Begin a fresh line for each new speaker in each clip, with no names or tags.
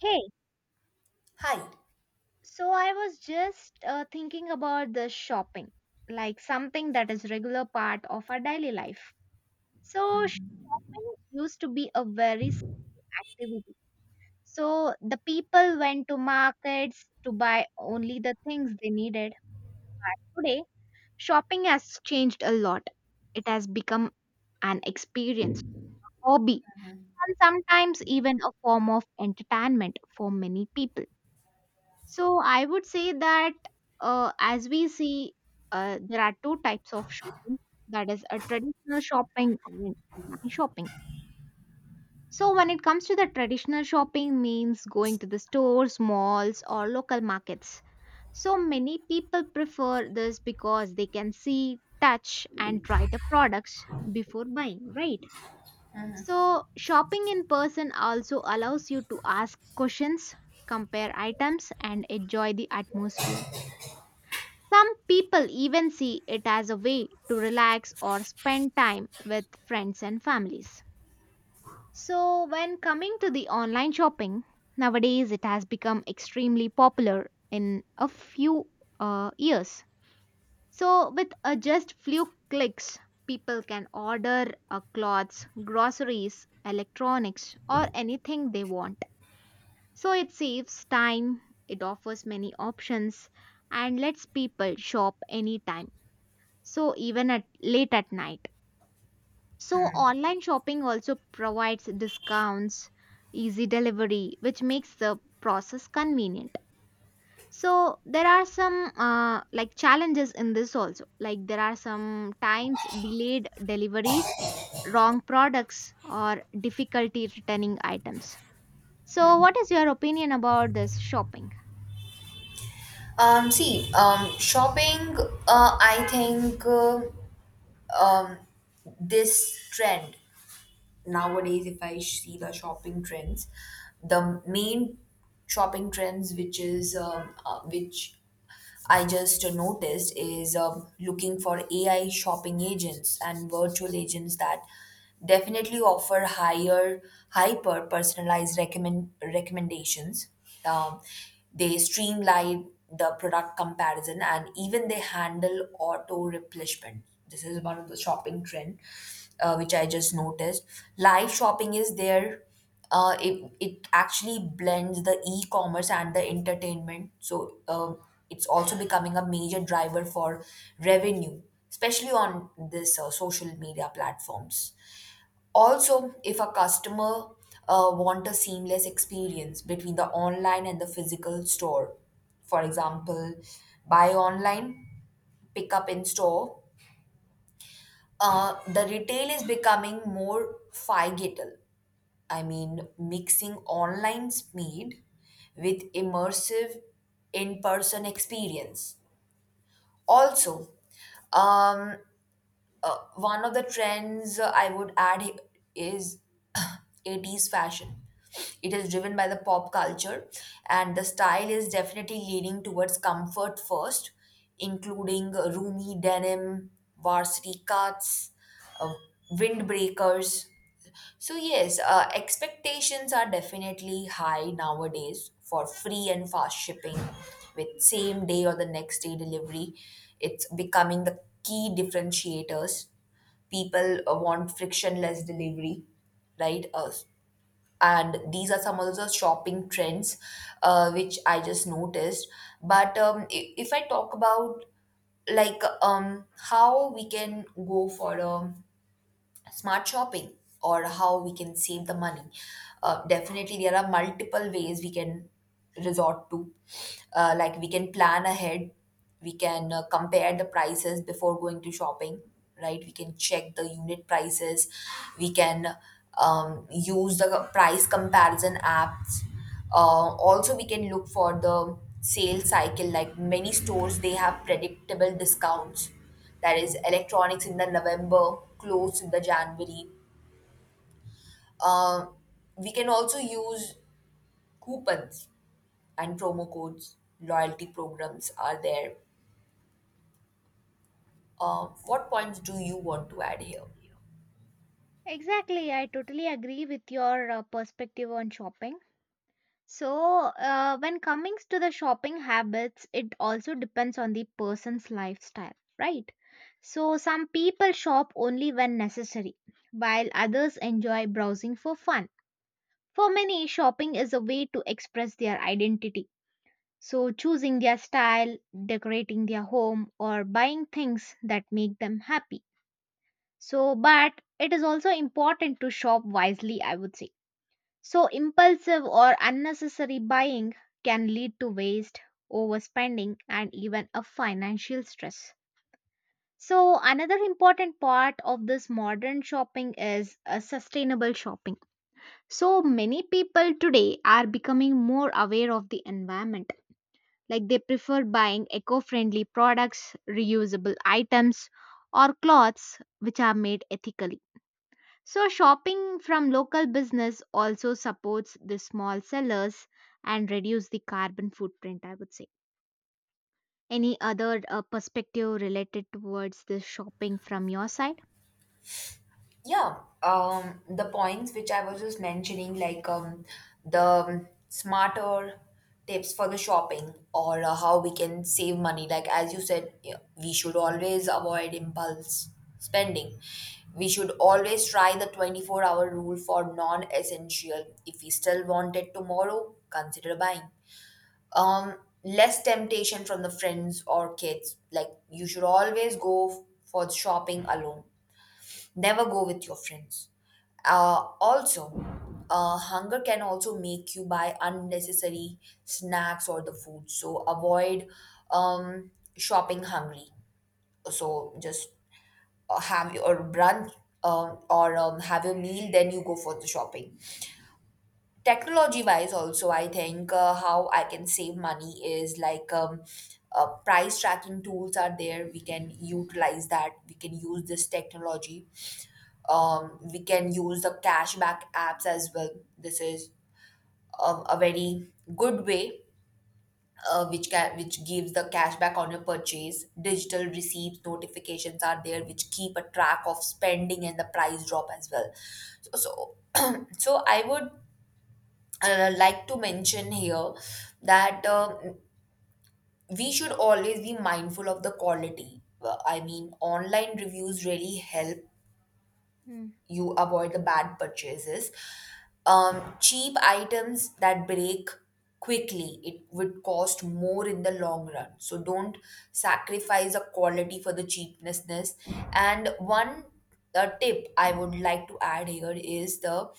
Hey,
Hi.
so I was just thinking about the shopping, like something that is regular part of our daily life. So shopping used to be a very activity. So the people went to markets to buy only the things they needed. But today, shopping has changed a lot. It has become an experience, hobby, and sometimes even a form of entertainment for many people. So I would say that as we see, there are two types of shopping. That is a traditional shopping and online shopping. So when it comes to the traditional shopping means going to the stores, malls or local markets. So many people prefer this because they can see, touch and try the products before buying, right? So shopping in person also allows you to ask questions, compare items and enjoy the atmosphere. Some people even see it as a way to relax or spend time with friends and families. So, when coming to the online shopping, nowadays it has become extremely popular in a few years. So, with just few clicks, people can order clothes, groceries, electronics, or anything they want. So, it saves time, it offers many options, and lets people shop anytime, so even at late at night. So
Hmm.
online shopping also provides discounts, easy delivery, which makes the process convenient. So there are some like challenges in this also, like there are some times delayed deliveries, wrong products or difficulty returning items. So what is your opinion about this shopping?
Shopping, I think um, this trend nowadays, if I see the shopping trends, the main shopping trends, which is which I just noticed, is looking for AI shopping agents and virtual agents that definitely offer higher, hyper personalized recommendations. Um, they streamline the product comparison and even they handle auto replenishment. This is one of the shopping trend which I just noticed. Live shopping is there. It actually blends the e-commerce and the entertainment. So it's also becoming a major driver for revenue, especially on this social media platforms. Also, if a customer want a seamless experience between the online and the physical store, for example, buy online, pick up in store, the retail is becoming more figital. I mean, mixing online speed with immersive in-person experience. Also, um, one of the trends I would add is 80s fashion. It is driven by the pop culture, and the style is definitely leaning towards comfort first, including roomy denim, varsity cuts, uh, windbreakers. So, yes, expectations are definitely high nowadays for free and fast shipping with same day or the next day delivery. It's becoming the key differentiators. People want frictionless delivery, right? And these are some of the shopping trends which I just noticed, but if I talk about, like, how we can go for a smart shopping or how we can save the money. Definitely, there are multiple ways we can resort to. Like we can plan ahead, we can compare the prices before going to shopping, right? We can check the unit prices, we can use the price comparison apps. Also, we can look for the sale cycle, like many stores, they have predictable discounts, that is electronics in the November, clothes in the January. Uh, we can also use coupons and promo codes. Loyalty programs are there. What points do you want to add here?
Exactly, I totally agree with your perspective on shopping. So, when coming to the shopping habits, it also depends on the person's lifestyle, right? So, some people shop only when necessary, while others enjoy browsing for fun. For many, shopping is a way to express their identity. So, choosing their style, decorating their home, or buying things that make them happy. So, but it is also important to shop wisely, I would say. So, impulsive or unnecessary buying can lead to waste, overspending, and even a financial stress. So, another important part of this modern shopping is sustainable shopping. So, many people today are becoming more aware of the environment. Like they prefer buying eco friendly products, reusable items, or cloths which are made ethically. So, shopping from local business also supports the small sellers and reduce the carbon footprint, I would say. Any other perspective related towards the shopping from your side?
Yeah, the points which I was just mentioning, like, the smarter tips for the shopping or how we can save money. Like as you said, yeah, we should always avoid impulse spending. We should always try the 24-hour hour rule for non-essential. If we still want it tomorrow, consider buying. Um, less temptation from the friends or kids. Like, you should always for shopping alone, never go with your friends. Also hunger can also make you buy unnecessary snacks or the food, so avoid um, shopping hungry. So just have your brunch, or have your meal, then you go for the shopping. Technology wise also, I think how I can save money is like, price tracking tools are there, we can utilize that, we can use this technology. We can use the cashback apps as well. This is a very good way which gives the cashback on your purchase. Digital receipts notifications are there, which keep a track of spending and the price drop as well. So so I would like to mention here that we should always be mindful of the quality. I mean, online reviews really help
Hmm,
you avoid the bad purchases. Cheap items that break quickly, it would cost more in the long run. So, don't sacrifice a quality for the cheapness. And one tip I would like to add here is the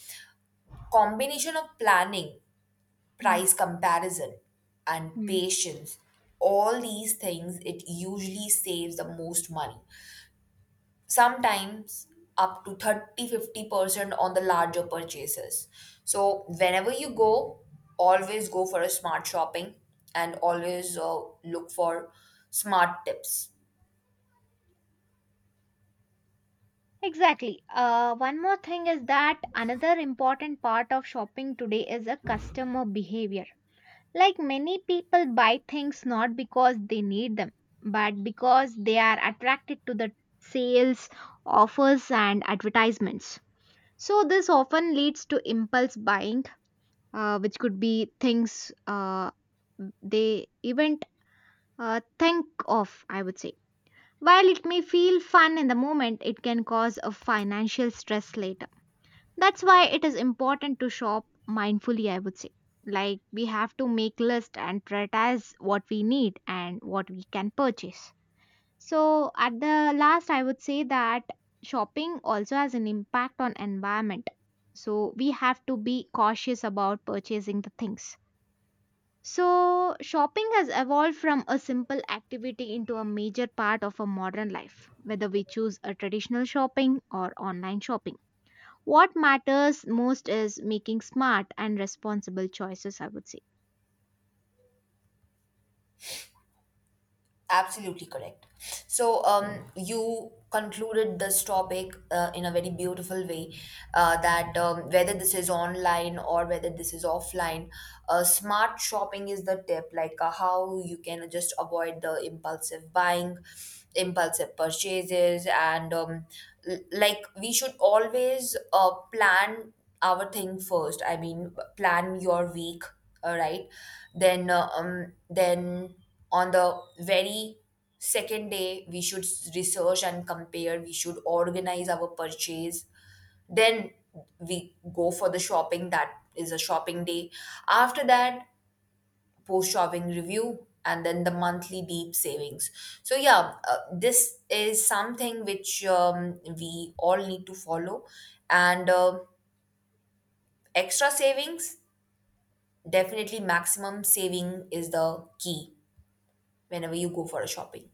combination of planning,
hmm,
price comparison, and
hmm.
patience. All these things, it usually saves the most money, sometimes up to 30-50% on the larger purchases. So, whenever you go, always go for a smart shopping and always look for smart tips.
Exactly. One more thing is that another important part of shopping today is a customer behavior. Like many people buy things not because they need them, but because they are attracted to the sales, offers, and advertisements. So, this often leads to impulse buying, which could be things they even think of, I would say. While it may feel fun in the moment, it can cause a financial stress later. That's why it is important to shop mindfully, I would say. Like, we have to make list and prioritize what we need and what we can purchase. So at the last, I would say that shopping also has an impact on environment. So we have to be cautious about purchasing the things. So shopping has evolved from a simple activity into a major part of a modern life, whether we choose a traditional shopping or online shopping. What matters most is making smart and responsible choices, I would say.
Absolutely correct. So, you concluded this topic in a very beautiful way, that whether this is online or whether this is offline, smart shopping is the tip, like how you can just avoid the impulsive buying, impulsive purchases, and like, we should always plan our thing first. I mean, plan your week, all right? Then on the very second day, we should research and compare, we should organize our purchase, then we go for the shopping, that is a shopping day. After that, post shopping review, and then the monthly deep savings. So yeah, this is something which we all need to follow. And extra savings, definitely maximum saving is the key whenever you go for a shopping.